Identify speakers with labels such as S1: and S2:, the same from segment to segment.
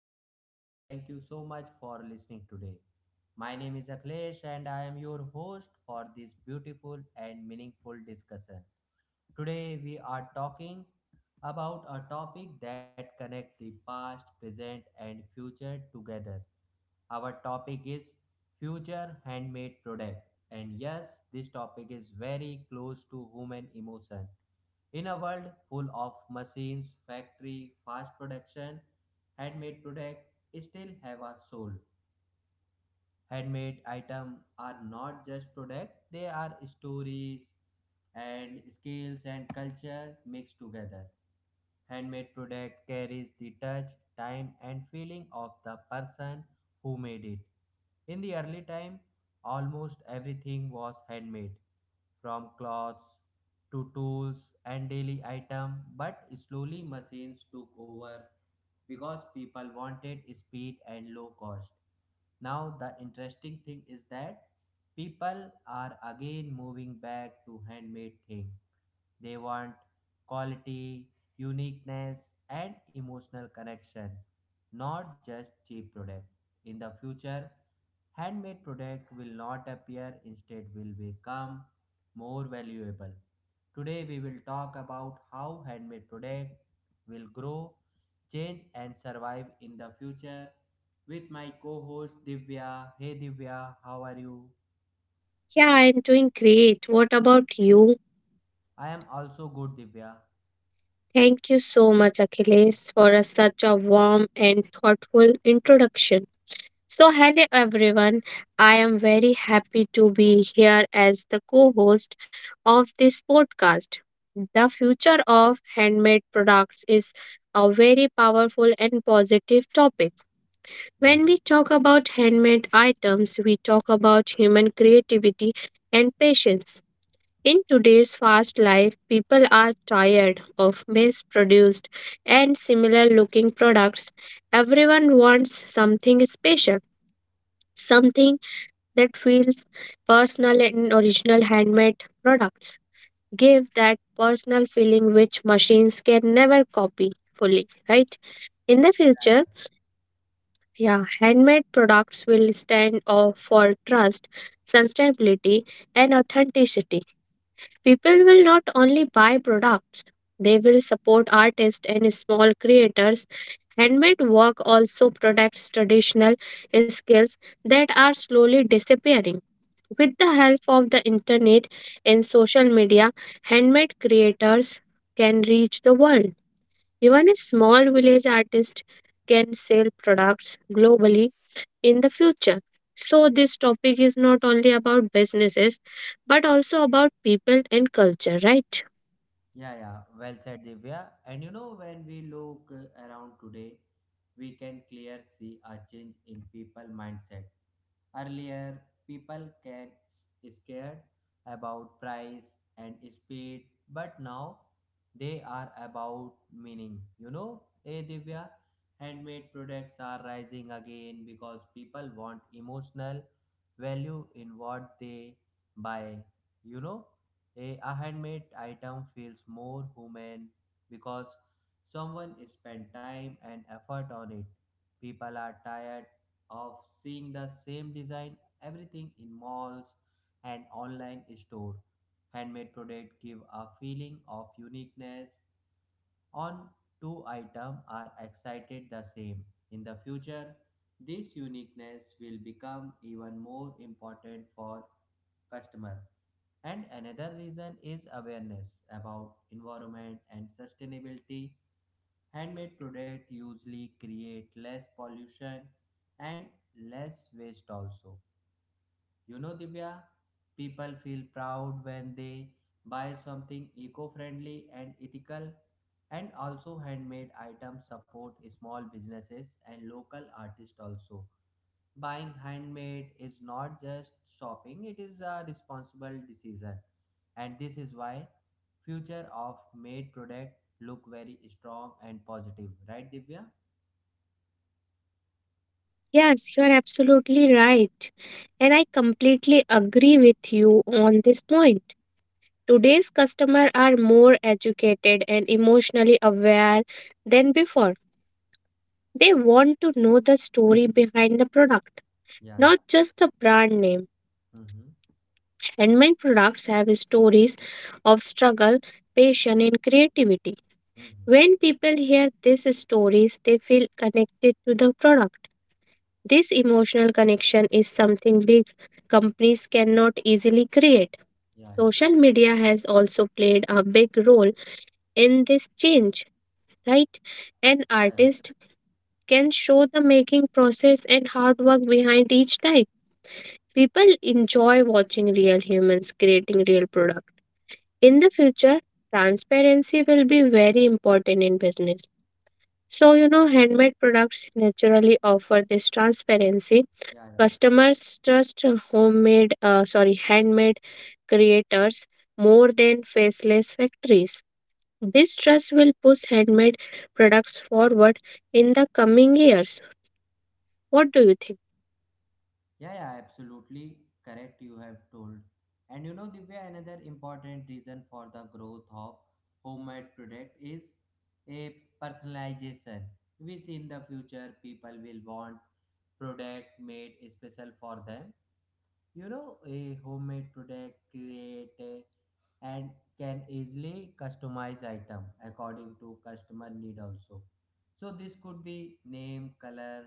S1: podcast, and thank you so much for listening today. My name is Akhilesh, and I am your host for this beautiful and meaningful discussion. Today, we are talking about a topic that connects the past, present, and future together. Our topic is future handmade product. And yes, this topic is very close to human emotion. In a world full of machines, factory, fast production, handmade product still have a soul. Handmade items are not just product, they are stories and skills and culture mixed together. Handmade product carries the touch, time, and feeling of the person who made it. In the early time, almost everything was handmade, from clothes to tools and daily item, but slowly machines took over because people wanted speed and low cost. Now the interesting thing is that people are again moving back to handmade thing. They want quality, uniqueness, and emotional connection, not just cheap product. In the future, handmade product will not appear, instead will become more valuable. Today we will talk about how handmade product will grow, change and survive in the future with my co-host Divya. Hey Divya, how are you?
S2: Yeah, I'm doing great. What about you?
S1: I am also good Divya.
S2: Thank you so much, Achilles, for such a warm and thoughtful introduction. So, hello everyone. I am very happy to be here as the co host of this podcast. The future of handmade products is a very powerful and positive topic.
S1: Yeah.
S2: When we talk about handmade items, we talk about human creativity and patience. In today's fast life, people are tired of mass produced and similar looking products. Everyone wants something special, something that feels personal and original handmade products give that personal feeling which machines can never copy fully, right? In the future, yeah, handmade products will stand off for trust, sustainability, and authenticity. People will not only buy products, they will support artists and small creators. Handmade work also protects traditional skills that are slowly disappearing. With the help of the internet and social media, handmade creators can reach the world. Even a small village artist can sell products globally in the future. So, this topic is not only about businesses but also about people and culture, right?
S1: Yeah, yeah, well said, Divya. And you know, when we look around today, we can clear see a change in people mindset. Earlier, people can scared about price and speed, but now they are about meaning. You know, Divya, handmade products are rising again because people want emotional value in what they buy. You know, a handmade item feels more human because someone spent time and effort on it. People are tired of seeing the same design everything in malls and online store. Handmade product give a feeling of uniqueness on two item are excited the same. In the future, this uniqueness will become even more important for customer and another reason is awareness about environment and sustainability. Handmade products usually create less pollution and less waste also. You know, Divya, people feel proud when they buy something eco-friendly and ethical. And also handmade items support small businesses and local artists also. Buying handmade is not just shopping, it is a responsible decision. And this is why future of made product look very strong and positive, right Divya?
S2: Yes, you're absolutely right. And I completely agree with you on this point. Today's customers are more educated and emotionally aware than before. They want to know the story behind the product,
S1: Yeah, yeah.
S2: not just the brand name.
S1: Mm-hmm.
S2: And my products have stories of struggle, passion, and creativity.
S1: Mm-hmm.
S2: When people hear these stories, they feel connected to the product. This emotional connection is something big companies cannot easily create.
S1: Yeah, yeah.
S2: Social media has also played a big role in this change, right? An
S1: Yeah, yeah.
S2: artist can show the making process and hard work behind each type. People enjoy watching real humans creating real products. In the future, transparency will be very important in business. So, you know, handmade products naturally offer this transparency.
S1: Yeah, yeah.
S2: Customers trust handmade creators more than faceless factories. This trust will push handmade products forward in the coming years. What do you think?
S1: Yeah, yeah, absolutely correct you have told. And you know Divya, another important reason for the growth of homemade product is a personalization. We see in the future people will want product made special for them. You know, a homemade product create a- and can easily customize item according to customer need also. So this could be name, color,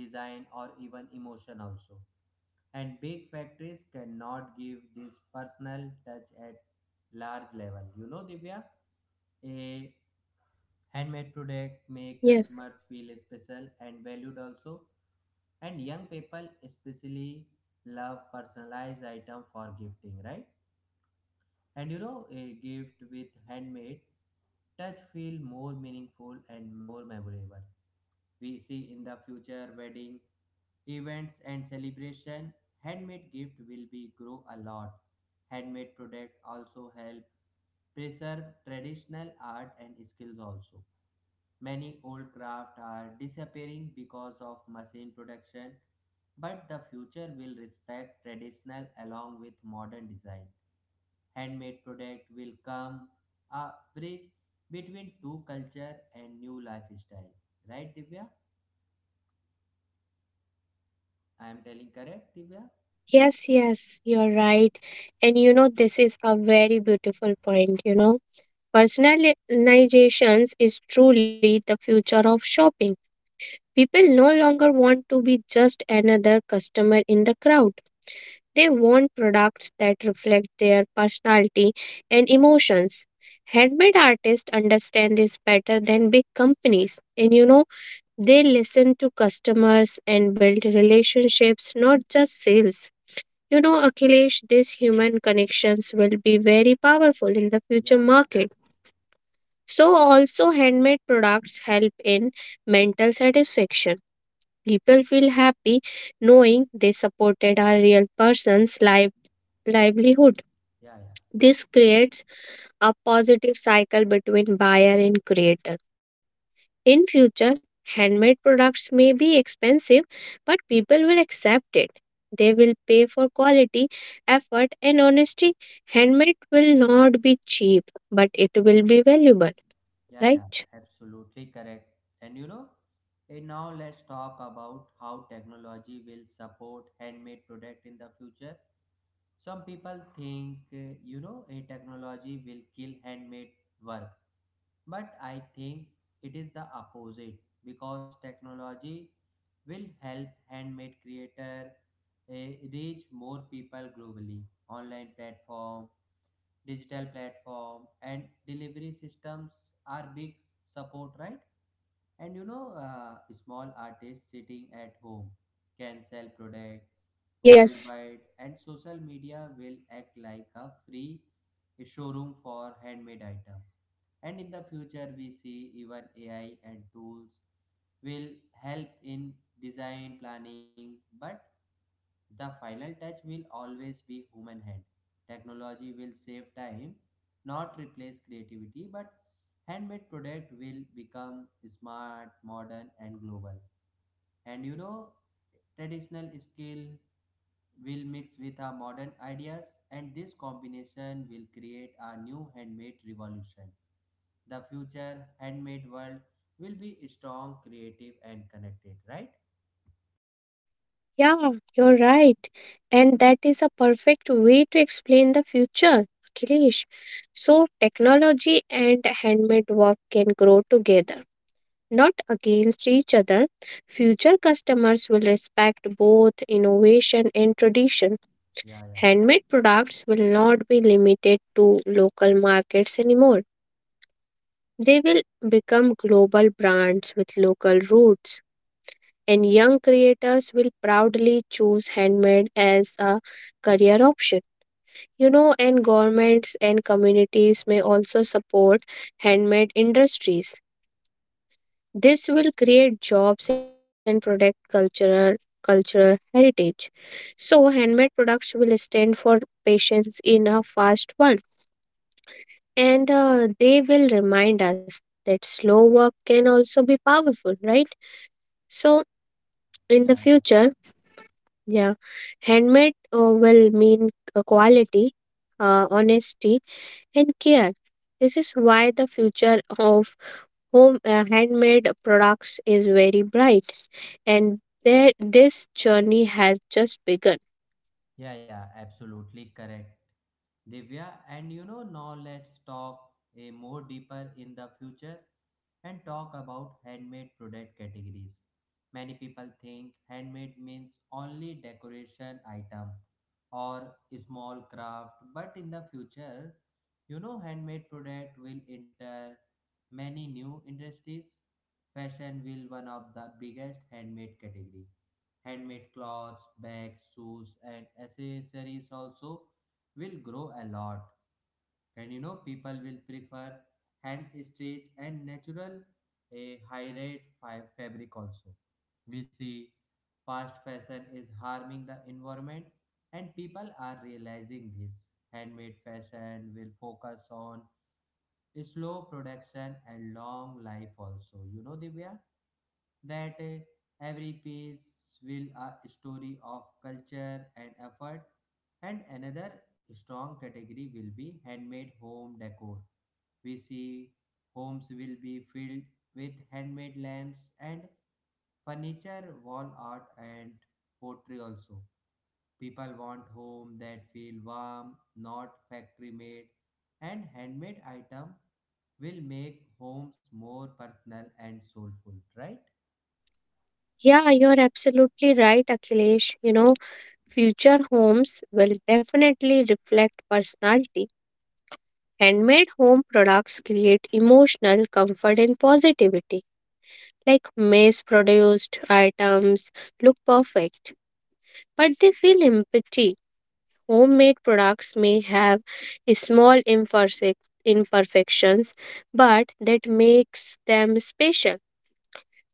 S1: design or even emotion also. And big factories cannot give this personal touch at large level. You know, Divya, a handmade product make
S2: Yes.
S1: customers feel special and valued also and young people especially love personalized item for gifting right and you know a gift with handmade touch feel more meaningful and more memorable we see in the future wedding events and celebration handmade gift will be grow a lot handmade product also help preserve traditional art and skills also. Many old crafts are disappearing because of machine production, but the future will respect traditional along with modern design. Handmade product will come a bridge between two culture and new lifestyle. Right, Divya? I am telling correct, Divya?
S2: Yes, yes, you're right. And you know, this is a very beautiful point, you know. Personalizations is truly the future of shopping. People no longer want to be just another customer in the crowd. They want products that reflect their personality and emotions. Handmade artists understand this better than big companies. And you know, they listen to customers and build relationships, not just sales. You know, Akhilesh, these human connections will be very powerful in the future
S1: Yeah, yeah,
S2: market. So, also, handmade products help in mental satisfaction. People feel happy knowing they supported a real person's life, livelihood.
S1: yeah, yeah,
S2: This creates a positive cycle between buyer and creator. In future, handmade products may be expensive, but people will accept it. They will pay for quality, effort, and honesty. Handmade will not be cheap, but it will be valuable,
S1: yeah,
S2: right?
S1: absolutely correct. And you know, and now let's talk about how technology will support handmade product in the future. Some people think, you know, a technology will kill handmade work, but I think it is the opposite because technology will help handmade creator uh, reach more people globally. Online platform, digital platform, and delivery systems are big support, right? And you know, small artists sitting at home can sell product
S2: Yes.
S1: worldwide, and social media will act like a free showroom for handmade items. And in the future, we see even AI and tools will help in design planning, but the final touch will always be human hand. Technology will save time, not replace creativity, but handmade product will become smart, modern and global. And you know, traditional skill will mix with our modern ideas and this combination will create a new handmade revolution the future handmade world will be strong, creative, and connected, right?
S2: Yeah, you're right. And that is a perfect way to explain the future, Akhilesh. So, technology and handmade work can grow together, not against each other. Future customers will respect both innovation and tradition.
S1: Yeah, yeah,
S2: Handmade products will not be limited to local markets anymore. They will become global brands with local roots and young creators will proudly choose handmade as a career option. You know, and governments and communities may also support handmade industries. This will create jobs and protect cultural heritage. So, handmade products will stand for patience in a fast world, and they will remind us that slow work can also be powerful, right? So, in the
S1: yeah,
S2: future, yeah, handmade will mean quality, honesty, and care. This is why the future of home handmade products is very bright, and there this journey has just begun.
S1: yeah, absolutely correct. Divya, and you know, now let's talk a more deeper in the future and talk about handmade product categories. Many people think handmade means only decoration item or small craft, but in the future, you know, handmade product will enter many new industries. Fashion will one of the biggest handmade category. Handmade clothes, bags, shoes, and accessories also will grow a lot. And you know, people will prefer hand stitch and natural a high rate fabric also. We see fast fashion is harming the environment, and people are realizing this. Handmade fashion will focus on slow production and long life also. You know, Divya? That every piece will a story of culture and effort and another strong category will be handmade home decor we see homes will be filled with handmade lamps and furniture wall art and pottery also people want home that feel warm not factory made and handmade item will make homes more personal and soulful right
S2: Yeah, you're absolutely right, Akhilesh. You know, future homes will definitely reflect personality. Handmade home products create emotional comfort and positivity. Like mass produced items look perfect, but they feel empty. Homemade products may have imperfections, but that makes them special.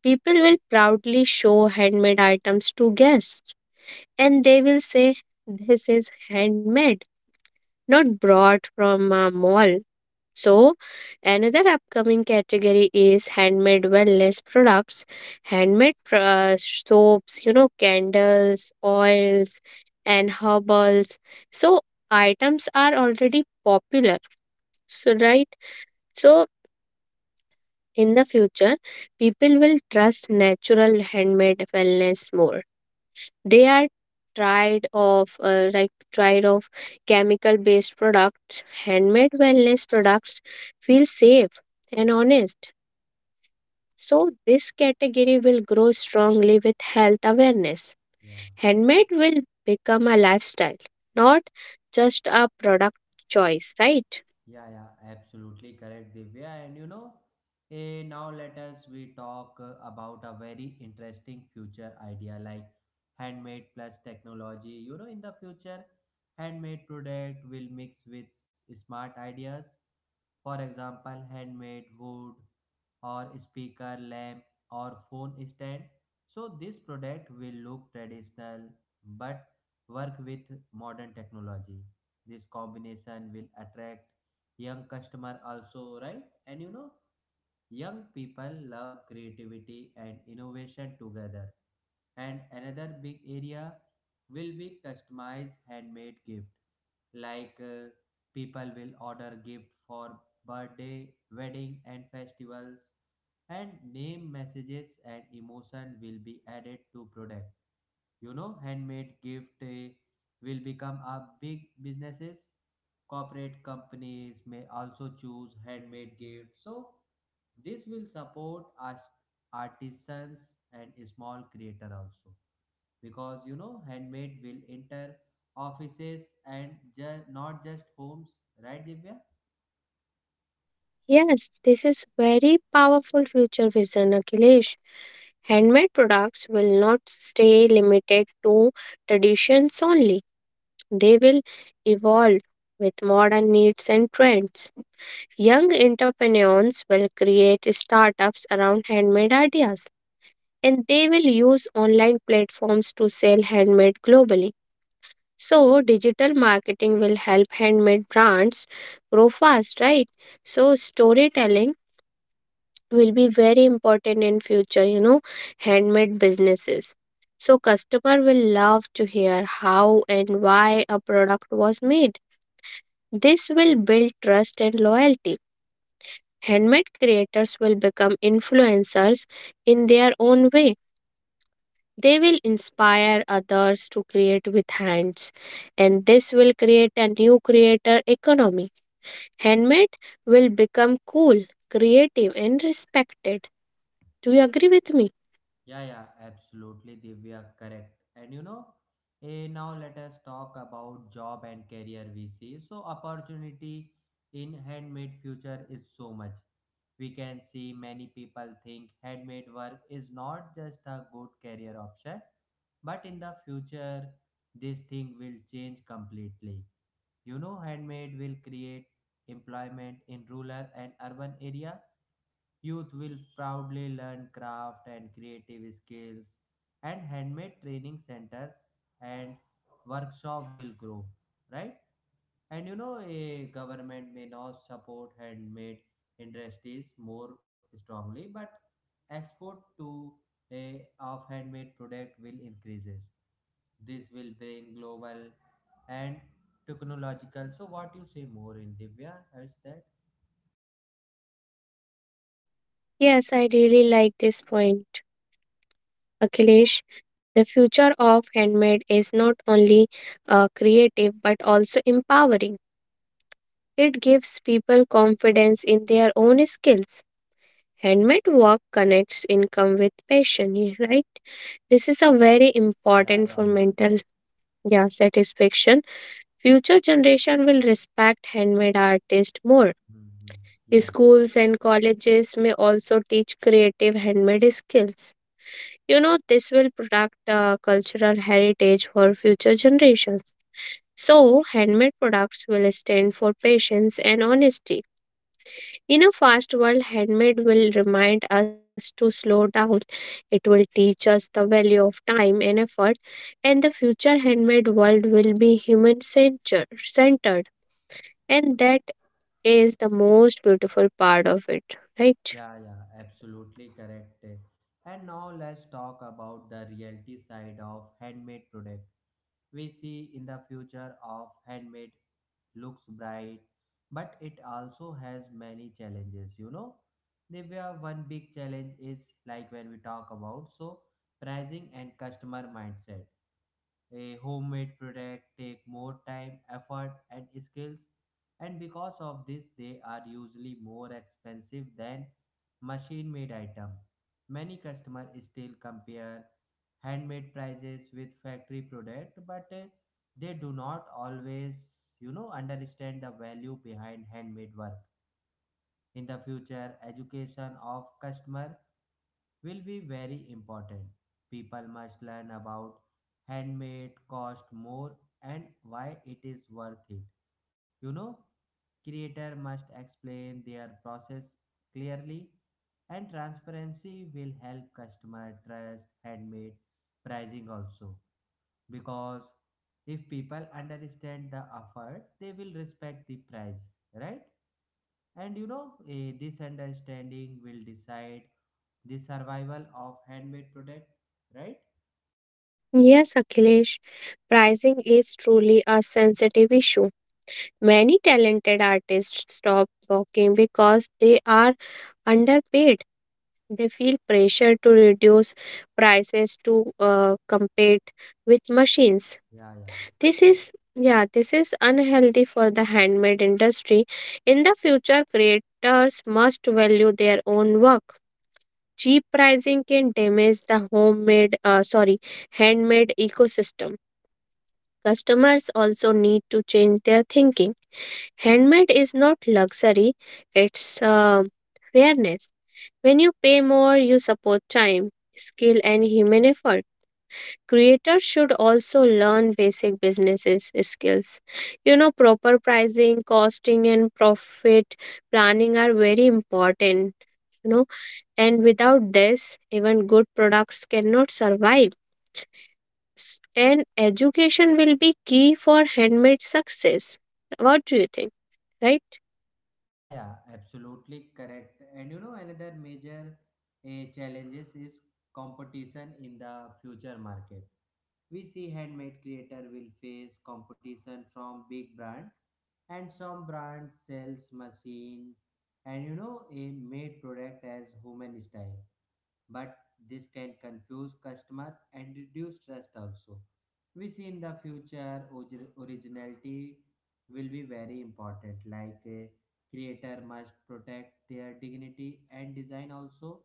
S2: People will proudly show handmade items to guests and they will say, "This is handmade, not brought from a mall." So, another upcoming category is handmade wellness products, soaps, you know, candles, oils, and herbals. So, items are already popular. So, right? So, in the future, people will trust natural handmade wellness more. They are tried of tried of chemical based products. Handmade wellness products feel safe and honest. So, this category will grow strongly with health awareness.
S1: yeah.
S2: Handmade will become a lifestyle, not just a product choice, right?
S1: Yeah, yeah, absolutely correct, Divya. And you know, now let us we talk about a very interesting future idea like handmade plus technology. You know, in the future, handmade product will mix with smart ideas for example, handmade wood or speaker lamp or phone stand. So this product will look traditional but work with modern technology. This combination will attract young customer also, right? And you know, Young people love creativity and innovation together. And another big area will be customized handmade gift. Like people will order gift for birthday, wedding and festivals and name messages and emotion will be added to product you know handmade gift will become a big businesses corporate companies may also choose handmade gifts so this will support us artisans and small creator also because you know handmade will enter offices and not just homes right divya.
S2: Yes, this is very powerful future vision, Akhilesh. Handmade products will not stay limited to traditions only. They will evolve with modern needs and trends. Young entrepreneurs will create startups around handmade ideas and they will use online platforms to sell handmade globally. So, digital marketing will help handmade brands grow fast, right? So, storytelling will be very important in future, you know, handmade businesses. So, customer will love to hear how and why a product was made. This will build trust and loyalty. Handmade creators will become influencers in their own way. They will inspire others to create with hands, and this will create a new creator economy. Handmade will become cool, creative, and respected. Do you agree with me?
S1: Yeah, yeah, absolutely, Divya, correct. And you know, now let us talk about job and career we see. So opportunity in handmade future is so much. We can see many people think handmade work is not just a good career option, but in the future this thing will change completely. You know, handmade will create employment in rural and urban area. Youth will proudly learn craft and creative skills, and handmade training centers and workshop will grow, right? And you know, a government may not support handmade industries more strongly, but export to a of handmade product will increases. This will bring global and technological. So, what you say more in Divya? Is that?
S2: Yes, I really like this point, Akhilesh. The future of handmade is not only creative but also empowering. It gives people confidence in their own skills. Handmade work connects income with passion, yeah, right? This is a very
S1: Yeah,
S2: important for
S1: yeah,
S2: mental, yeah, satisfaction. Future generation will respect handmade artists more.
S1: mhm, yeah.
S2: Schools and colleges may also teach creative handmade skills. You know, this will protect cultural heritage for future generations. So, handmade products will stand for patience and honesty. In a fast world, handmade will remind us to slow down. It will teach us the value of time and effort, and the future handmade world will be centered. And that is the most beautiful part of it, right?
S1: Yeah, yeah, absolutely correct. And now let's talk about the reality side of handmade product. We see in the future of handmade looks bright, but it also has many challenges, you know. Divya, one big challenge is like when we talk about so pricing and customer mindset. A homemade product take more time, effort, and skills, and because of this, they are usually more expensive than machine-made item. Many customers still compare handmade prices with factory product, but they do not always, you know, understand the value behind handmade work. In the future, education of customer will be very important. People must learn about handmade cost more and why it is worth it. You know, creator must explain their process clearly and transparency will help customer trust handmade pricing also because if people understand the effort they will respect the price right and you know, this understanding will decide the survival of handmade product, right?
S2: Yes, Akhilesh, pricing is truly a sensitive issue. Many talented artists stop working because they are underpaid. They feel pressure to reduce prices to compete with machines.
S1: Yeah, yeah,
S2: This is yeah, this is unhealthy for the handmade industry. In the future, creators must value their own work. Cheap pricing can damage the handmade ecosystem. Customers also need to change their thinking. Handmade is not luxury, it's fairness. When you pay more, you support time, skill, and human effort. Creators should also learn basic businesses skills. You know, proper pricing, costing, and profit planning are very important. You know, and without this, even good products cannot survive. S- And education will be key for handmade success. What do you think? Right?
S1: yeah. Absolutely correct. And you know, another major challenges is competition in the future market. We see handmade creator will face competition from big brand and some brand sells machine and you know a made product as human style but this can confuse customer and reduce trust also we see in the future originality will be very important like a creator must protect their dignity and design also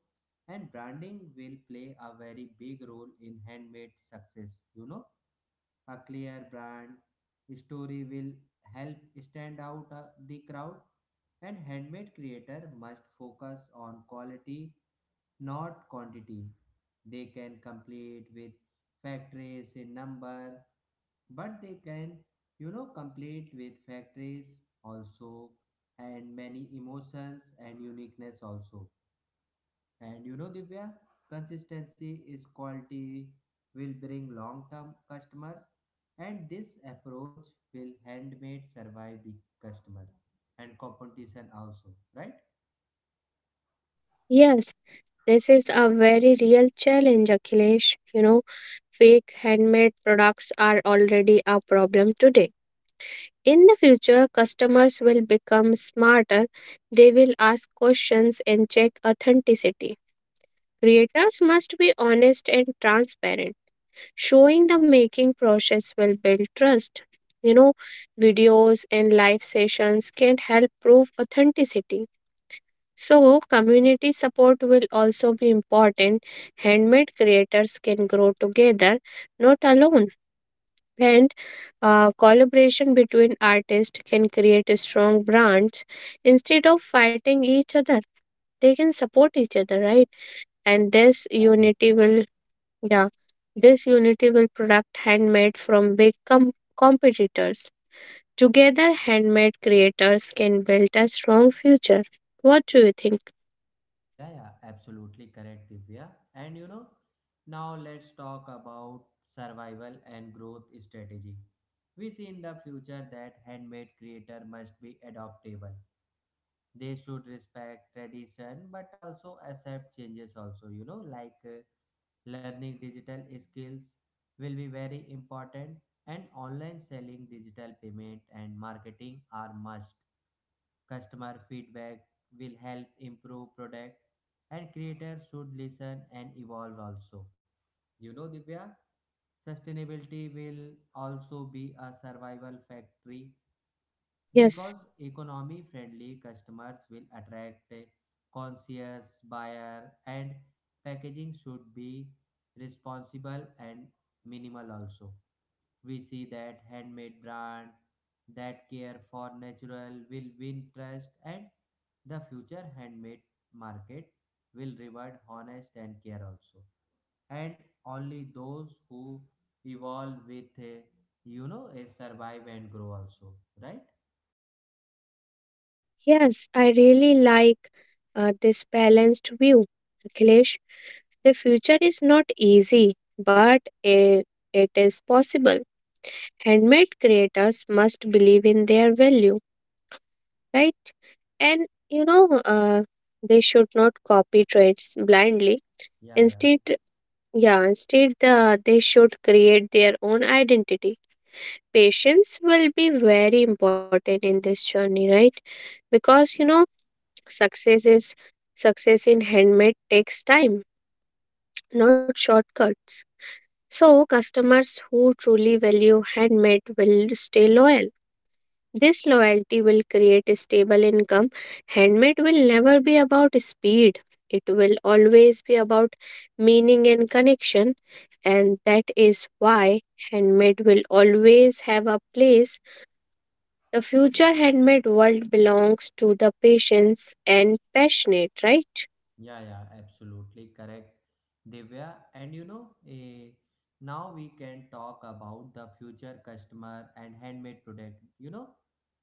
S1: and branding will play a very big role in handmade success you know a clear brand story will help stand out the crowd and handmade creator must focus on quality not quantity. They can complete with factories in number, but they can, you know, complete with factories also and many emotions and uniqueness also. And you know, Divya, consistency is quality will bring long-term customers and this approach will handmade survive the customer and competition also, right?
S2: Yes, this is a very real challenge, Akhilesh. You know, fake handmade products are already a problem today. In the future, customers will become smarter. They will ask questions and check authenticity. Creators must be honest and transparent. Showing the making process will build trust. You know, videos and live sessions can help prove authenticity. So, community support will also be important. Handmade creators can grow together, not alone. And collaboration between artists can create a strong brands instead of fighting each other. They can support each other, right? And this unity will, yeah, this unity will protect handmade from competitors. Together, handmade creators can build a strong future. What do you think?
S1: Yeah, yeah, absolutely correct, Divya. And you know, now let's talk about survival and growth strategy. We see in the future that handmade creator must be adaptable. They should respect tradition but also accept changes also, learning digital skills will be very important, and online selling, digital payment and marketing are must. Customer feedback will help improve product, and creators should listen and evolve also. You know Divya, sustainability will also be a survival factory
S2: Yes,
S1: because economy friendly customers will attract a conscious buyer, and packaging should be responsible and minimal also. We see that handmade brand that care for natural will win trust, and the future handmade market will reward honest and care also, and only those who evolve with a, you know a survive and grow also, right?
S2: yes, I really like this balanced view, Akhilesh. The future is not easy, but it is possible. Handmade creators must believe in their value, right? And you know, they should not copy trends blindly.
S1: yeah yeah
S2: Instead, instead they should create their own identity. Patience will be very important in this journey, right? Because you know, success is success in handmade takes time, not shortcuts. So customers who truly value handmade will stay loyal. This loyalty will create a stable income. Handmade will never be about speed, it will always be about meaning and connection, and that is why handmade will always have a place. The future handmade world belongs to the patients and passionate, right?
S1: Yeah, yeah, absolutely correct. Divya, and now we can talk about the future customer and handmade product. You know,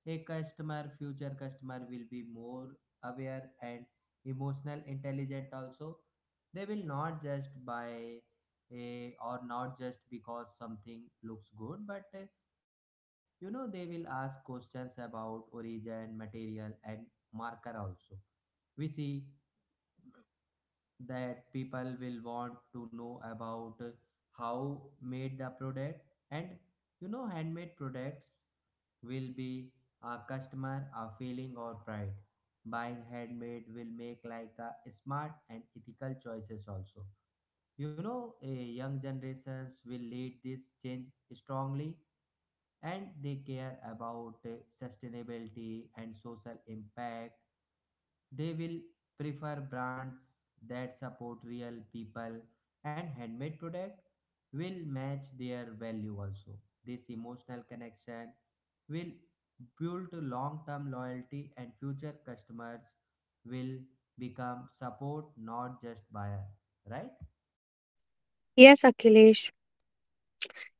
S1: future customer will be more aware and emotional intelligent also. They will not just buy or not just because something looks good, but you know, they will ask questions about origin, material, and marker also. We see that people will want to know about how made the product, and you know handmade products will be a customer a feeling or pride. Buying handmade will make like a smart and ethical choices also. You know, a young generations will lead this change strongly, and they care about sustainability and social impact. They will prefer brands that support real people, and handmade product will match their value also. This emotional connection will build long-term loyalty, and future customers will become support not just buyer, right?
S2: Yes, Akhilesh.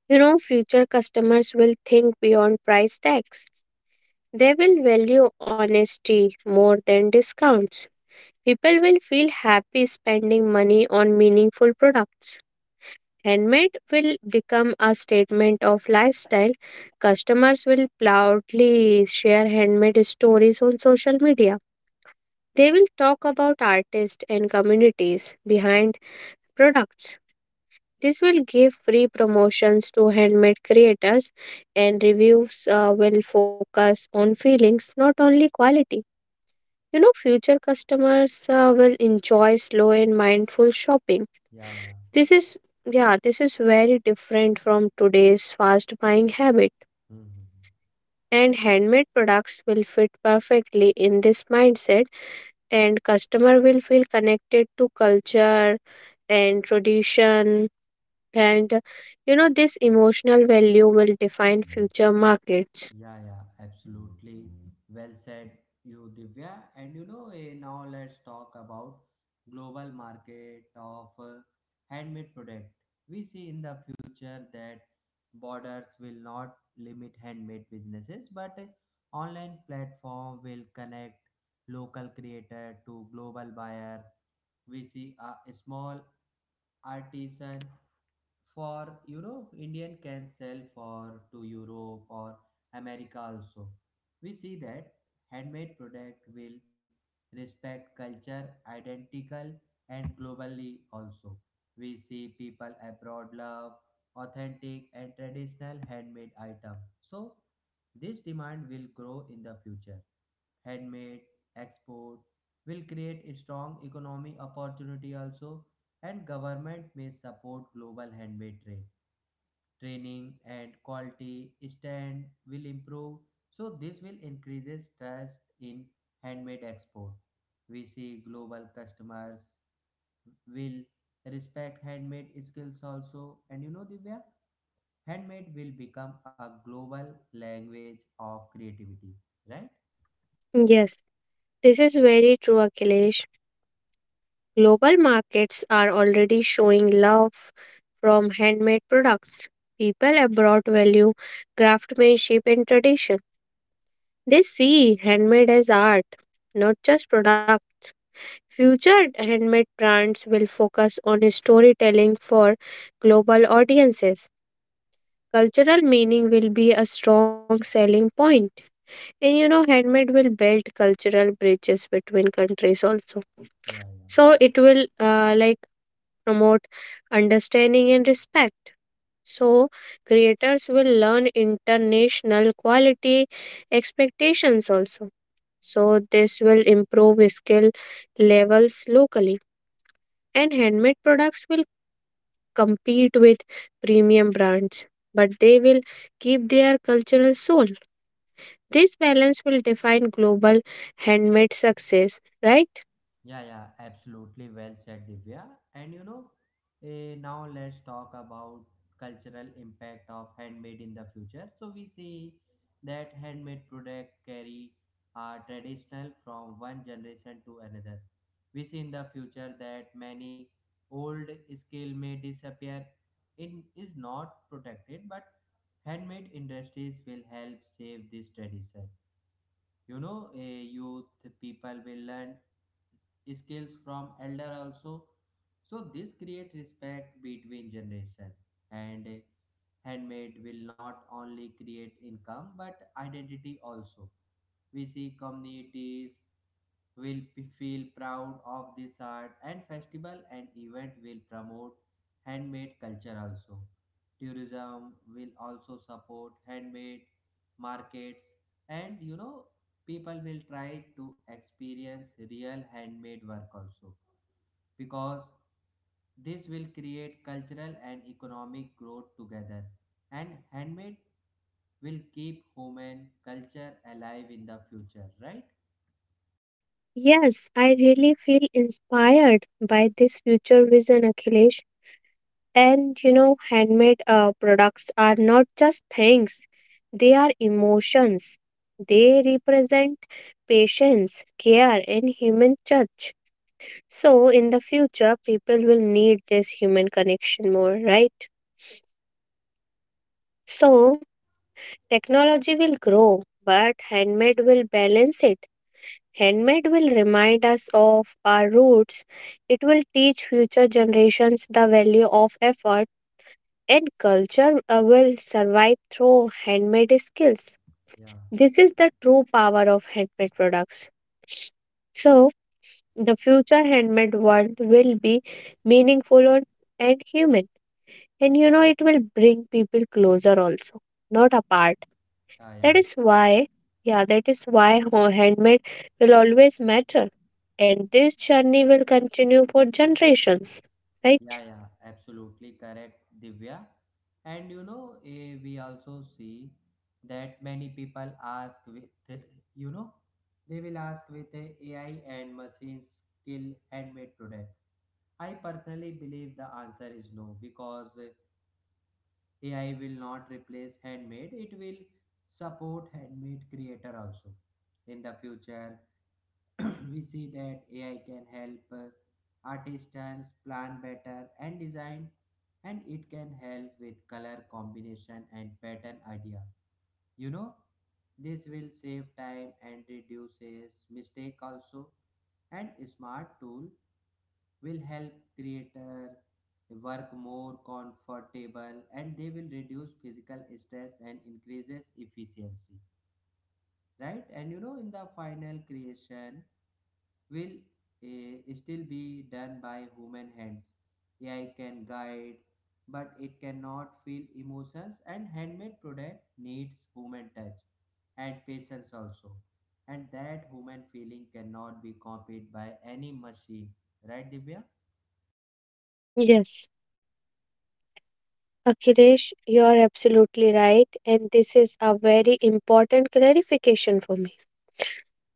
S2: You know, future customers will think beyond price tags. They will value honesty more than discounts. People will feel happy spending money on meaningful products. Handmade will become a statement of lifestyle. Customers will proudly share handmade stories on social media. They will talk about artists and communities behind products. This will give free promotions to handmade creators, and reviews will focus on feelings, not only quality. You know, future customers will enjoy slow and mindful shopping.
S1: Yeah, yeah.
S2: This is, yeah, this is very different from today's fast buying habit.
S1: Hmm.
S2: And handmade products will fit perfectly in this mindset, and customer will feel connected to culture and tradition. And you know, this emotional value will define
S1: Mhm.
S2: future markets.
S1: Yeah, yeah, absolutely. Well said, you Divya. And you know, eh, Now let's talk about global market of handmade product. We see in the future that borders will not limit handmade businesses, but online platform will connect local creator to global buyer. We see a small artisan for you know indian can sell for to Europe or America also. We see that handmade product will respect culture identical and globally also. We see people abroad love authentic and traditional handmade item, so this demand will grow in the future. Handmade export will create a strong economy opportunity also, and government may support global handmade trade. Training and quality stand will improve, so this will increases trust in handmade export. We see global customers will respect handmade skills also, and you know Divya, handmade will become a global language of creativity, right?
S2: Yes, this is very true, Akhilesh. Global markets are already showing love from handmade products. People abroad value craftsmanship and tradition. They see handmade as art, not just products. Future handmade brands will focus on storytelling for global audiences. Cultural meaning will be a strong selling point. And you know, handmade will build cultural bridges between countries also.
S1: yeah yeah
S2: So it will like promote understanding and respect. So, creators will learn international quality expectations also. So, this will improve skill levels locally, and handmade products will compete with premium brands, but they will keep their cultural soul. This balance will define global handmade success, right?
S1: Yeah, yeah, absolutely well said, Divya. And you know, eh, Now let's talk about cultural impact of handmade in the future. So we see that handmade product carry are traditional from one generation to another. We see in the future that many old skill may disappear in is not protected, but handmade industries will help save this tradition. You know, a youth people will learn skills from elder also, so this create respect between generation, and handmade will not only create income but identity also. We see communities will feel proud of this art, and festival and event will promote handmade culture also. Tourism will also support handmade markets, and you know people will try to experience real handmade work also, because this will create cultural and economic growth together, and handmade will keep human culture alive in the future, right?
S2: Yes, I really feel inspired by this future vision, Akhilesh. And you know, handmade products are not just things, they are emotions. They represent patience, care, and human touch. So, in the future, people will need this human connection more, right? So, technology will grow, but handmade will balance it. Handmade will remind us of our roots. It will teach future generations the value of effort and culture will survive through handmade skills.
S1: yeah
S2: This is the true power of handmade products. So, the future handmade world will be meaningful and human. And you know, it will bring people closer also, not apart.
S1: yeah
S2: That
S1: yeah
S2: is why, yeah, that is why handmade will always matter. And this journey will continue for generations, right?
S1: yeah yeah Absolutely correct, Divya. And you know eh, We also see that many people ask with you know, they will ask with AI and machines kill handmade product. I personally believe the answer is no because AI will not replace handmade, it will support handmade creator also. In the future, we see that AI can help artisans plan better and design, and it can help with color combination and pattern idea. You know, this will save time and reduces mistake also, and smart tool will help creator work more comfortable, and they will reduce physical stress and increases efficiency, right? And you know, in the final creation will still be done by human hands. AI can guide, but it cannot feel emotions, and handmade product needs human touch and patience also, and that human feeling cannot be copied by any machine, right Divya?
S2: Yes. Akhilesh, you are absolutely right, and this is a very important clarification for me.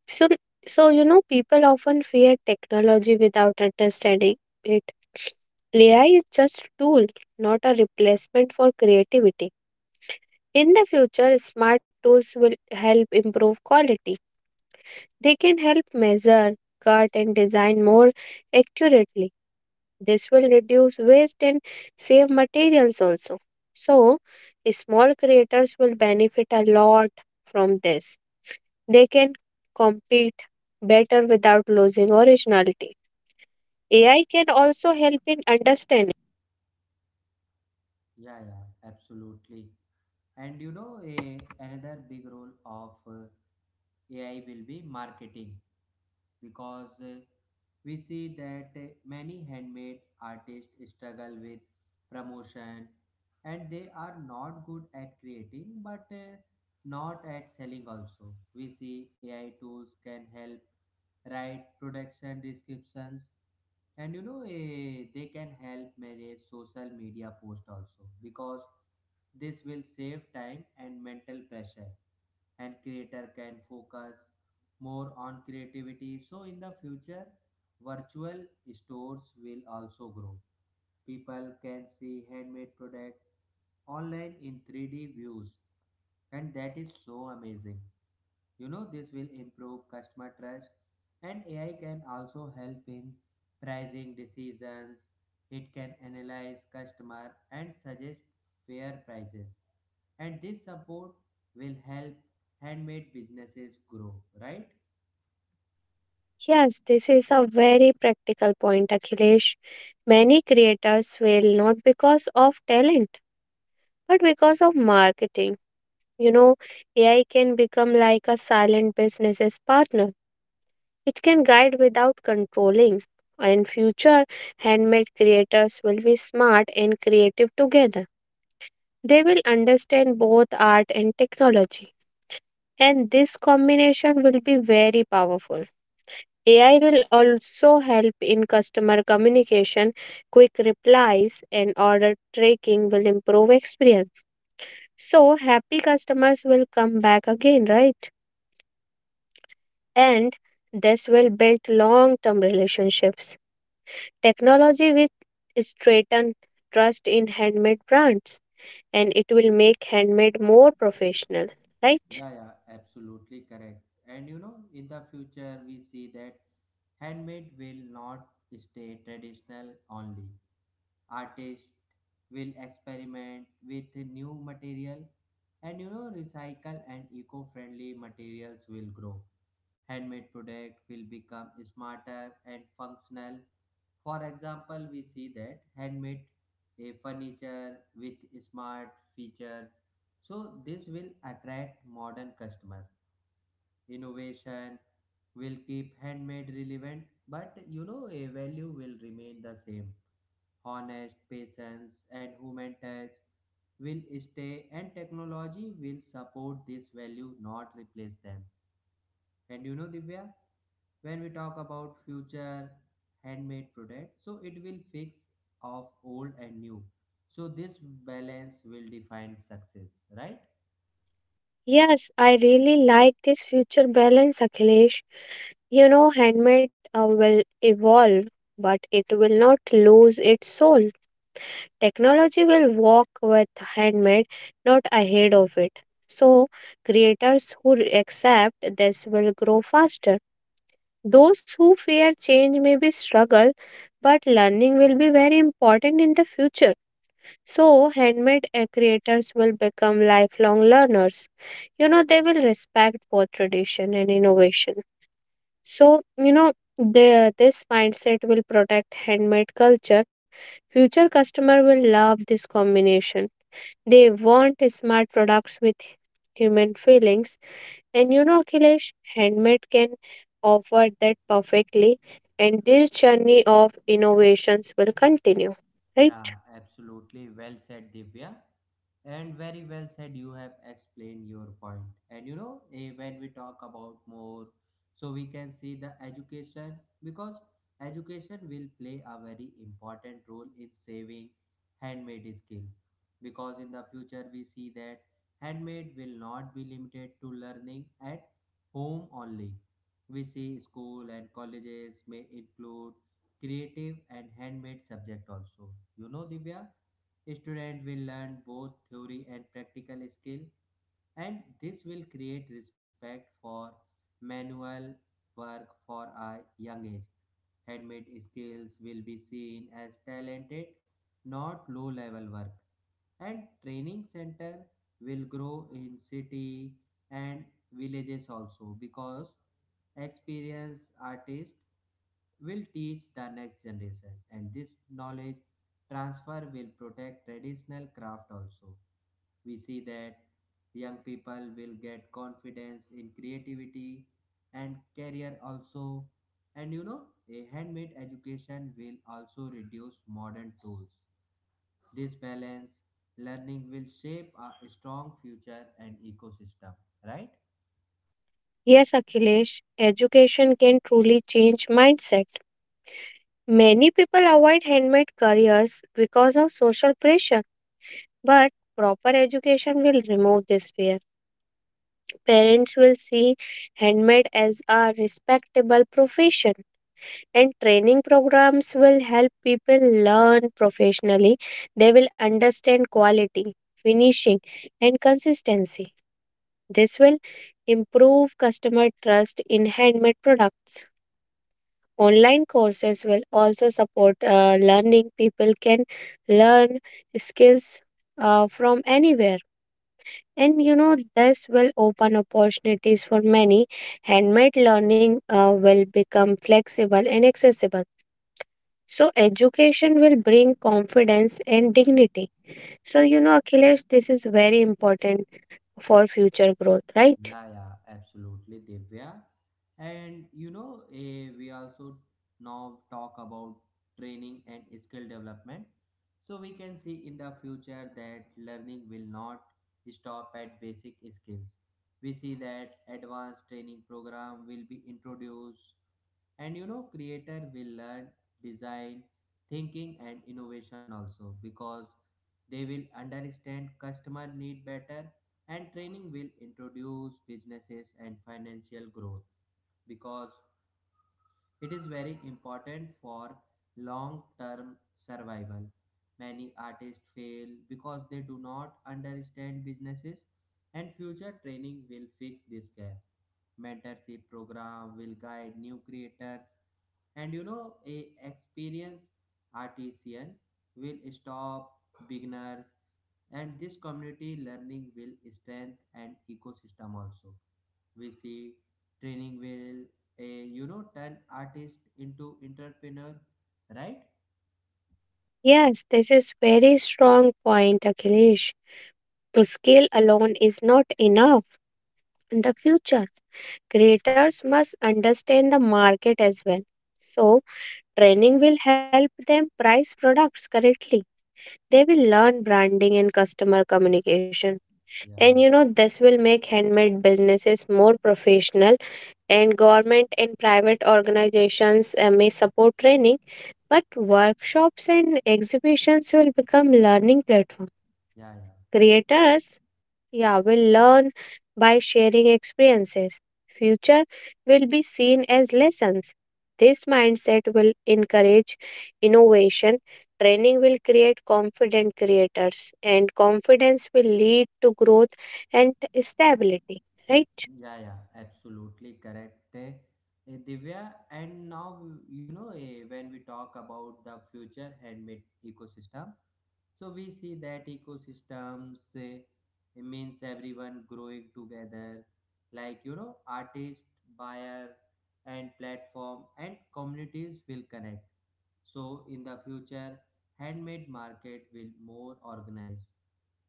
S2: So, so, you know, people often fear technology without understanding it. AI is just a tool, not a replacement for creativity. In the future, smart tools will help improve quality. They can help measure, cut, and design more accurately. This will reduce waste and save materials also. So, small creators will benefit a lot from this. They can compete better without losing originality. AI can also help in understanding.
S1: Yeah, yeah, absolutely. And you know, another big role of AI will be marketing, because we see that many handmade artists struggle with promotion, and they are not good at creating but not at selling also. We see AI tools can help write production descriptions, and you know they can help manage social media post also, because this will save time and mental pressure, and creator can focus more on creativity. So in the future, virtual stores will also grow. People can see handmade product online in 3D views, and that is so amazing. You know, this will improve customer trust, and AI can also help in pricing decisions. It can analyze customer and suggest fair prices. And this support will help handmade businesses grow, right?
S2: Yes, this is a very practical point, Akhilesh. Many creators fail not because of talent, but because of marketing. You know, AI can become like a silent business's partner. It can guide without controlling, and future handmade creators will be smart and creative together. They will understand both art and technology, and this combination will be very powerful. AI will also help in customer communication. Quick replies and order tracking will improve experience. So, happy customers will come back again, right? And this will build long term relationships. Technology will strengthen trust in handmade brands, and it will make handmade more professional, right?
S1: Yeah, yeah, absolutely correct. And you know, in the future, we see that handmade will not stay traditional only. Artists will experiment with new material, and you know recycle and eco-friendly materials will grow. Handmade product will become smarter and functional. For example, we see that handmade furniture with smart features. So this will attract modern customer. Innovation will keep handmade relevant, but you know a value will remain the same. Honest patience and human touch will stay, and technology will support this value not replace them, and you know Divya, when we talk about future handmade product, so it will fix of old and new, so this balance will define success, right?
S2: Yes, I really like this future balance, Akhilesh. You know, handmade will evolve, but it will not lose its soul. Technology will walk with handmade, not ahead of it. So, creators who accept this will grow faster. Those who fear change may be struggle, but learning will be very important in the future. So, handmade creators will become lifelong learners. You know, they will respect both tradition and innovation. So, you know, this mindset will protect handmade culture. Future customer will love this combination. They want smart products with human feelings, and you know, Akhilesh, handmade can offer that perfectly, and this journey of innovations will continue,
S1: Yeah,
S2: right?
S1: absolutely. Well said, Divya. And very well said, you have explained your point. And you know, eh, When we talk about more, so we can see the education, because education will play a very important role in saving handmade skill. Because in the future, we see that handmade will not be limited to learning at home only. We see school and colleges may include creative and handmade subject also. You know, Divya, student will learn both theory and practical skill, and this will create respect for manual work for a young age. Handmade skills will be seen as talented, not low level work, and training center will grow in city and villages also, because experienced artists will teach the next generation, and this knowledge transfer will protect traditional craft also. We see that young people will get confidence in creativity and career also, and you know a handmade education will also reduce modern tools. This balance learning will shape a strong future and ecosystem, right?
S2: Yes, Akhilesh, education can truly change mindset. Many people avoid handmade careers because of social pressure, but proper education will remove this fear. Parents will see handmade as a respectable profession. And training programs will help people learn professionally. They will understand quality, finishing, and consistency. This will improve customer trust in handmade products. Online courses will also support learning. People can learn skills from anywhere. And you know, this will open opportunities for many. Handmade learning will become flexible and accessible. So education will bring confidence and dignity. So you know, Akhilesh, this is very important for future growth, right?
S1: Yeah, yeah, absolutely, Divya. And you know, eh, We also now talk about training and skill development. So we can see in the future that learning will not stop at basic skills. We see that advanced training program will be introduced, and you know creator will learn design thinking and innovation also, because they will understand customer need better. And training will introduce businesses and financial growth, because it is very important for long term survival. Many artists fail because they do not understand businesses, and future training will fix this gap. Mentorship program will guide new creators, and you know a experienced artisan will stop beginners, and this community learning will strengthen an ecosystem also. We see training will a you know turn artist into entrepreneur, right?
S2: Yes, this is very strong point, Akhilesh. Skill alone is not enough in the future. Creators must understand the market as well. So training will help them price products correctly. They will learn branding and customer communication.
S1: yeah
S2: And
S1: yeah
S2: you know, this will make handmade businesses more professional, and government and private organizations may support training, but workshops and exhibitions will become learning platform.
S1: yeah yeah
S2: Creators, yeah, will learn by sharing experiences. Future will be seen as lessons. This mindset will encourage innovation. Training will create confident creators, and confidence will lead to growth and stability. Right?
S1: yeah Absolutely correct, Divya. And now you know, when we talk about the future handmade ecosystem. So we see that ecosystems means everyone growing together, like you know, artist, buyer, and platform and communities will connect. So in the future, handmade market will more organized.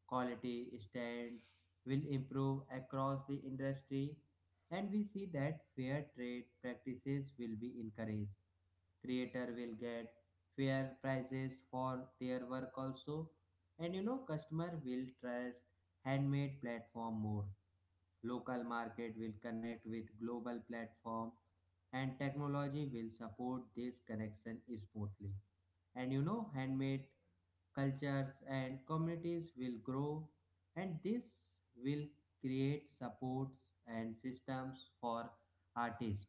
S1: Quality stand will improve across the industry, and we see that fair trade practices will be encouraged. Creator will get fair prices for their work also, and you know customer will trust handmade platform more. Local market will connect with global platform, and technology will support this connection smoothly, and you know handmade cultures and communities will grow, and this will create supports and systems for artists,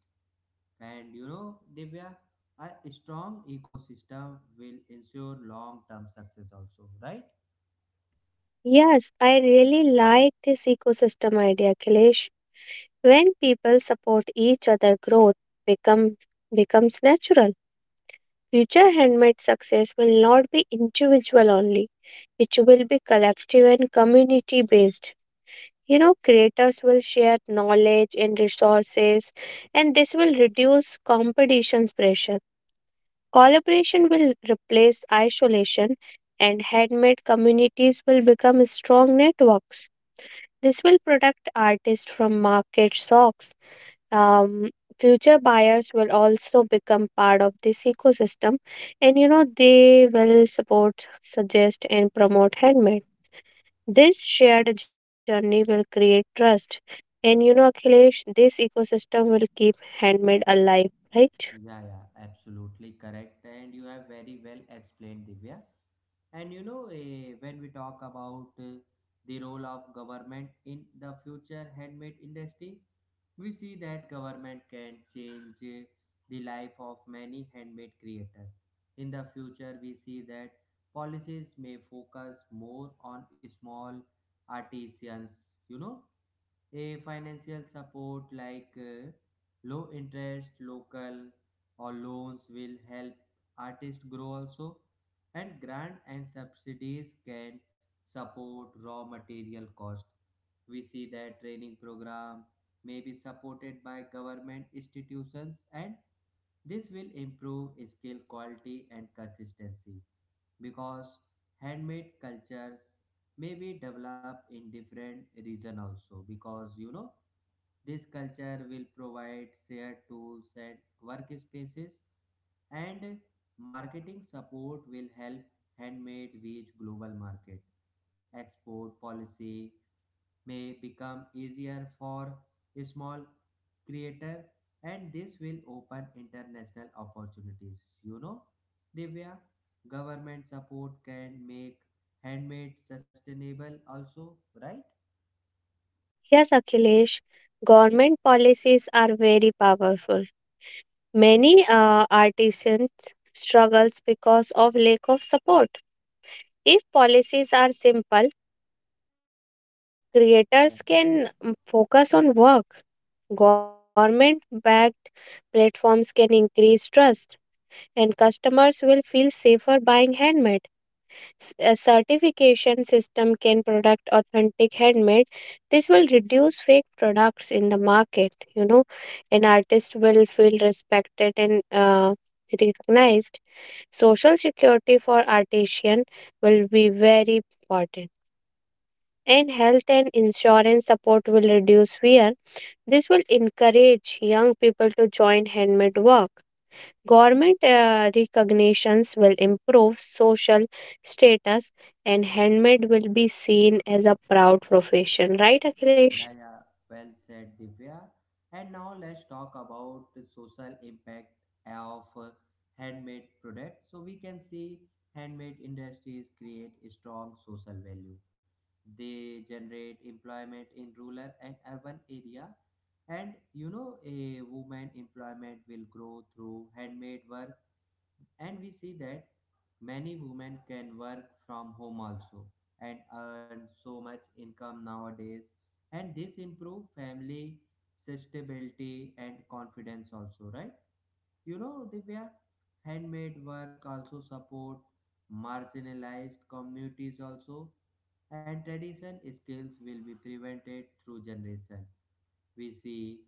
S1: and you know, Divya, a strong ecosystem will ensure long term success, also, right?
S2: Yes, I really like this ecosystem idea, Kailesh. When people support each other, growth become becomes natural. Future handmade success will not be individual only. It will be collective and community based. You know, creators will share knowledge and resources, and this will reduce competition's pressure. Collaboration will replace isolation, and handmade communities will become strong networks. This will protect artists from market shocks. Um, Future buyers will also become part of this ecosystem, and you know they will support, suggest, and promote handmade. This shared journey will create trust, and you know, Akhilesh, this ecosystem will keep handmade alive, right?
S1: Yeah, yeah, absolutely correct. And you have very well explained, Divya. And you know, eh, When we talk about the role of government in the future handmade industry, we see that government can change the life of many handmade creators. In the future, we see that policies may focus more on small artisans, you know, a financial support like low interest local or loans will help artists grow also. And grant and subsidies can support raw material cost. We see that training program may be supported by government institutions, and this will improve skill quality and consistency because handmade cultures may be developed in different region also. Because you know, this culture will provide shared tools and workspaces. And marketing support will help handmade reach global market. Export policy may become easier for small creator, and this will open international opportunities. You know Divya, government support can make handmade sustainable also, right?
S2: Yes, Akhilesh, government policies are very powerful. Many artisans struggles because of lack of support. If policies are simple,
S1: yeah
S2: creators
S1: yeah
S2: can mm, focus on work. Government backed platforms can increase trust, and customers will feel safer buying handmade. A certification system can product authentic handmade. This will reduce fake products in the market. You know, an artist will feel respected and recognized. Social security for artisan will be very important, and health and insurance support will reduce fear. This will encourage young people to join handmade work. Government recognitions will improve social status, and handmade will be seen as a proud profession. Right, Akhilesh?
S1: yeah, yeah. Well said, Divya. And now let's talk about the social impact of handmade products. So we can see handmade industries create strong social value. They generate employment in rural and urban area, and you know, a woman employment will grow through handmade work. And we see that many women can work from home also and earn so much income nowadays, and this improve family sustainability and confidence also, right? You know Divya, handmade work also support marginalized communities also, and tradition skills will be prevented through generation. We see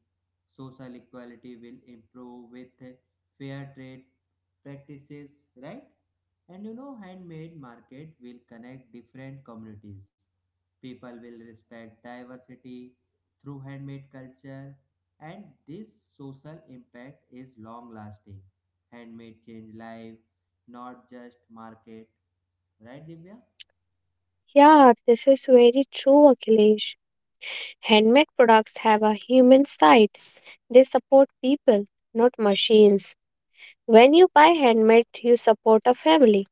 S1: social equality will improve with fair trade practices, right? And you know, handmade market will connect different communities. People will respect diversity through handmade culture, and this social impact is long lasting. Handmade change life, not just market, right, Divya?
S2: Yeah, this is very true, Akhilesh. Handmade products have a human side, they support people, not machines. When you buy handmade, you support a family,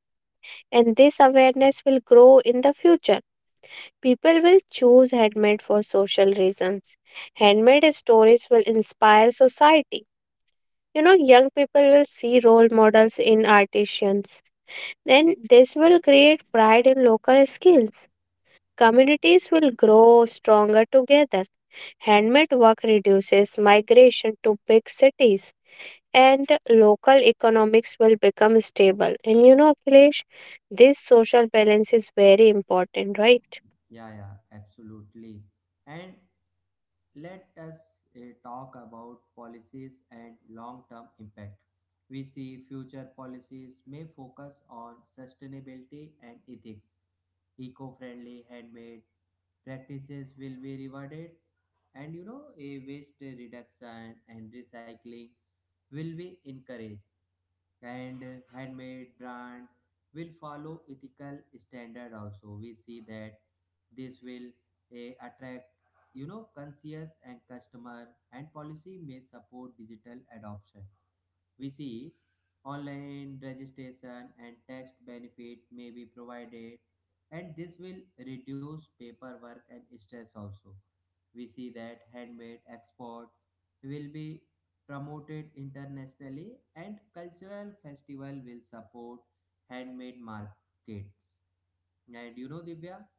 S2: and this awareness will grow in the future. People will choose handmade for social reasons. Handmade stories will inspire society. You know, young people will see role models in artisans. Then this will create pride in local skills. Communities will grow stronger together. Handmade work reduces migration to big cities, and local economics will become stable. And you know, Akhilesh, this social balance is very important, right?
S1: Yeah, yeah, absolutely. And let us talk about policies and long term impact. We see future policies may focus on sustainability and ethics. Eco friendly handmade practices will be rewarded, and you know, a waste reduction and recycling will be encouraged. And handmade brand will follow ethical standard also. We see that this will attract, you know, conscious and customer. And policy may support digital adoption. We see online registration and tax benefit may be provided, and this will reduce paperwork and stress also. We see that handmade export will be promoted internationally, and cultural festival will support handmade markets. And you know Divya,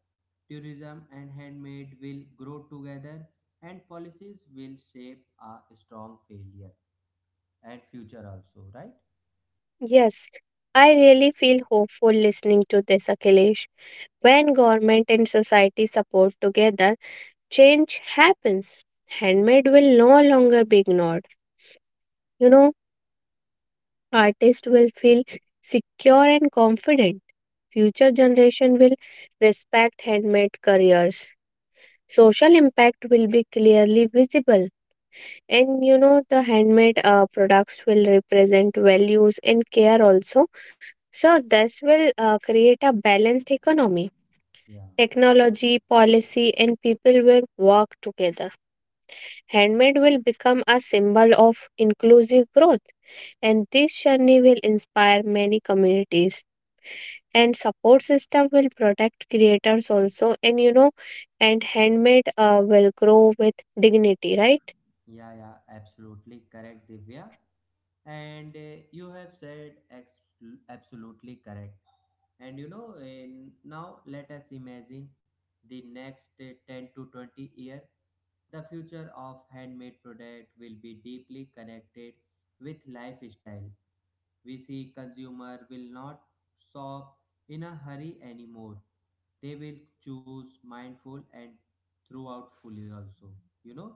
S1: tourism and handmade will grow together, and policies will shape a strong failure and future also, right?
S2: Yes, I really feel hopeful listening to this, Akhilesh. When government and society support together, change happens. Handmade will no longer be ignored. You know, artists will feel secure and confident. Future generation will respect handmade careers. Social impact will be clearly visible, and you know the handmade products will represent values and care also. So, this will create a balanced economy.
S1: Yeah,
S2: Technology, policy, and people will work together. Handmade will become a symbol of inclusive growth, and this journey will inspire many communities. And support system will protect creators also, and you know, and handmade will grow with dignity, right?
S1: yeah, yeah, absolutely correct, Divya. And you have said absolutely correct. And you know, now let us imagine the next 10 to 20 year. The future of handmade product will be deeply connected with lifestyle. We see consumer will not shop in a hurry anymore. They will choose mindful and throughout fully also. You know,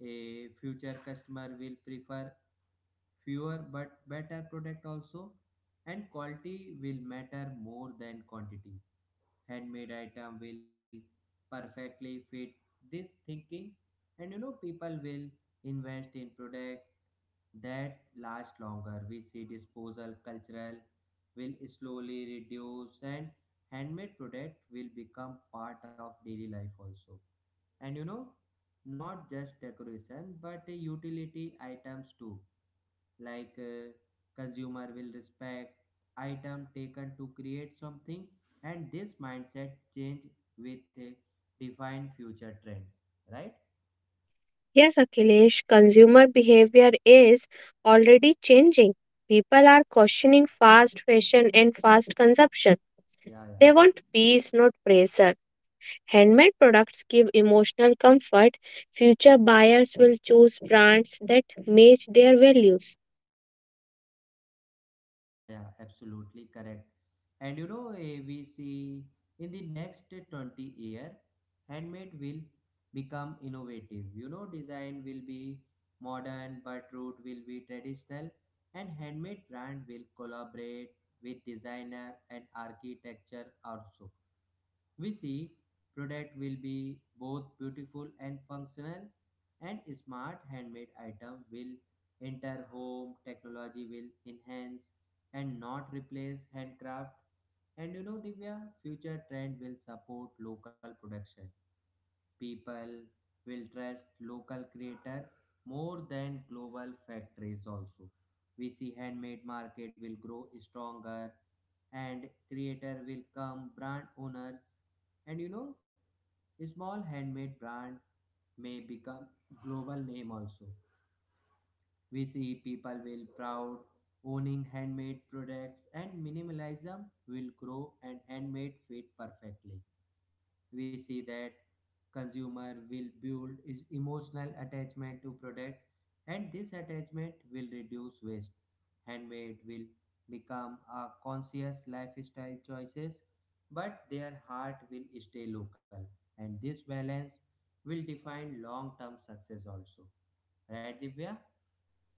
S1: a future customer will prefer fewer but better product also, and quality will matter more than quantity. Handmade item will perfectly fit this thinking, and you know, people will invest in product that last longer. We see disposal cultural will slowly reduce, and handmade product will become part of daily life also. And you know, not just decoration but utility items too. Like consumer will respect item taken to create something, and this mindset change with a defined future trend, right?
S2: Yes, Akhilesh, consumer behavior is already changing. People are questioning fast fashion and fast consumption.
S1: Yeah, yeah.
S2: They want peace, not pressure. Handmade products give emotional comfort. Future buyers will choose brands that match their values.
S1: Yeah, yeah, absolutely correct. And you know, we see in the next 20-year, handmade will become innovative. You know, design will be modern, but root will be traditional, and handmade brand will collaborate with designer and architecture also. We see product will be both beautiful and functional, and smart handmade item will enter home. Technology will enhance and not replace handcraft. And you know Divya, future trend will support local production. People will trust local creator more than global factories also. We see handmade market will grow stronger, and creator will come brand owners. And you know, small handmade brand may become global name also. We see people will proud owning handmade products, and minimalism will grow and handmade fit perfectly. We see that consumer will build is emotional attachment to product, and this attachment will reduce waste. Handmade will become a conscious lifestyle choices, but their heart will stay local, and this balance will define long term success also, right Divya?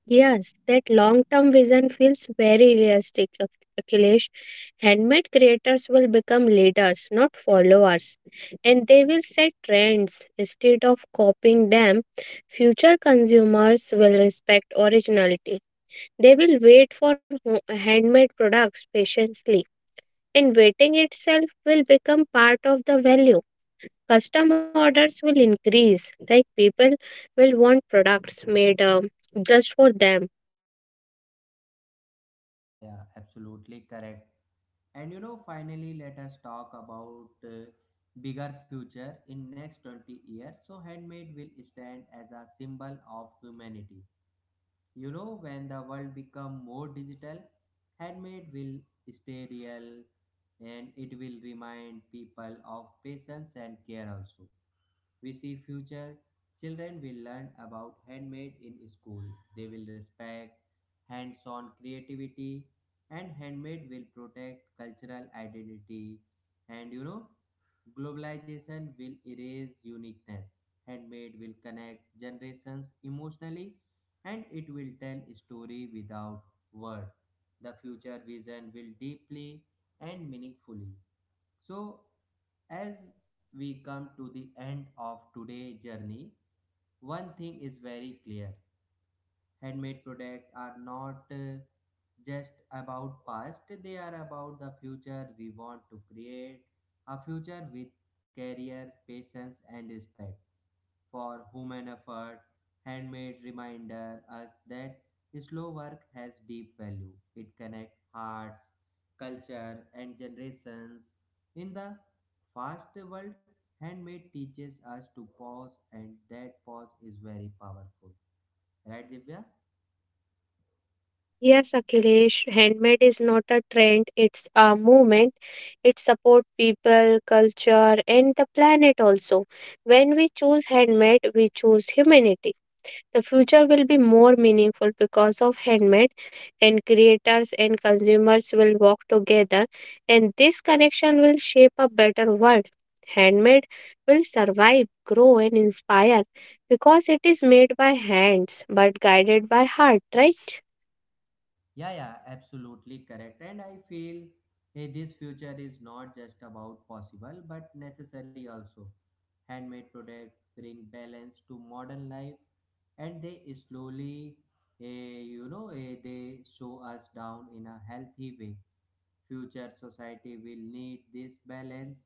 S2: Yes, that long term vision feels very realistic, Akhilesh. Handmade creators will become leaders, not followers, and they will set trends instead of copying them. Future consumers will respect originality. They will wait for handmade products patiently, and waiting itself will become part of the value. Custom orders will increase, like people will want products made just for them.
S1: Yeah, yeah, absolutely correct. And you know, finally, let us talk about bigger future in next 20 years. So, handmade will stand as a symbol of humanity. You know, when the world become more digital, handmade will stay real, and it will remind people of patience and care also. We see future children will learn about handmade in school. They will respect hands-on creativity, and handmade will protect cultural identity. And you know, globalization will erase uniqueness. Handmade will connect generations emotionally, and it will tell story without word. The future vision will deeply and meaningfully. So, as we come to the end of today's journey, one thing is very clear. Handmade products are not just about past. They are about the future we want to create, a future with career patience and respect for human effort. Handmade reminder us that slow work has deep value. It connects hearts, culture and generations. In the fast world, handmade teaches us to pause, and that pause is very powerful, right Divya?
S2: Yes, Akhilesh, handmade is not a trend, it's a movement. It supports people, culture, and the planet also. When we choose handmade, we choose humanity. The future will be more meaningful because of handmade, and creators and consumers will work together, and this connection will shape a better world. Handmade will survive, grow, and inspire because it is made by hands but guided by heart, right?
S1: Yeah, yeah, absolutely correct. And I feel this future is not just about possible but necessary also. Handmade products bring balance to modern life, and they slowly, eh, you know, they show us down in a healthy way. Future society will need this balance,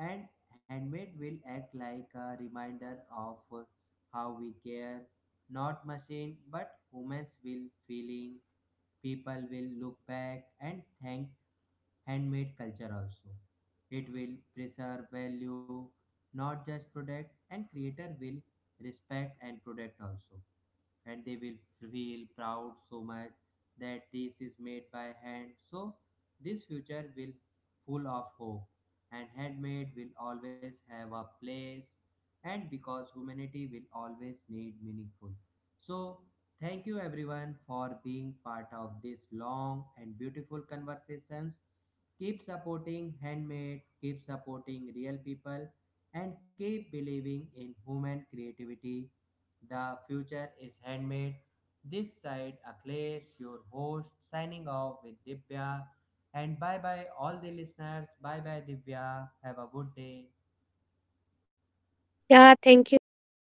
S1: and handmade will act like a reminder of how we care, not machine, but humans will feeling. People will look back and thank handmade culture also. It will preserve value, not just product, and creator will respect and protect also, and they will feel proud so much that this is made by hand. So this future will full of hope, and handmade will always have a place, and because humanity will always need meaningful. So thank you everyone for being part of this long and beautiful conversations. Keep supporting handmade, keep supporting real people, and keep believing in human creativity. The future is handmade. This side Akhilesh, your host, signing off with Divya. And bye bye, all the listeners. Bye bye, Divya. Have a good day.
S2: Yeah, thank you so much.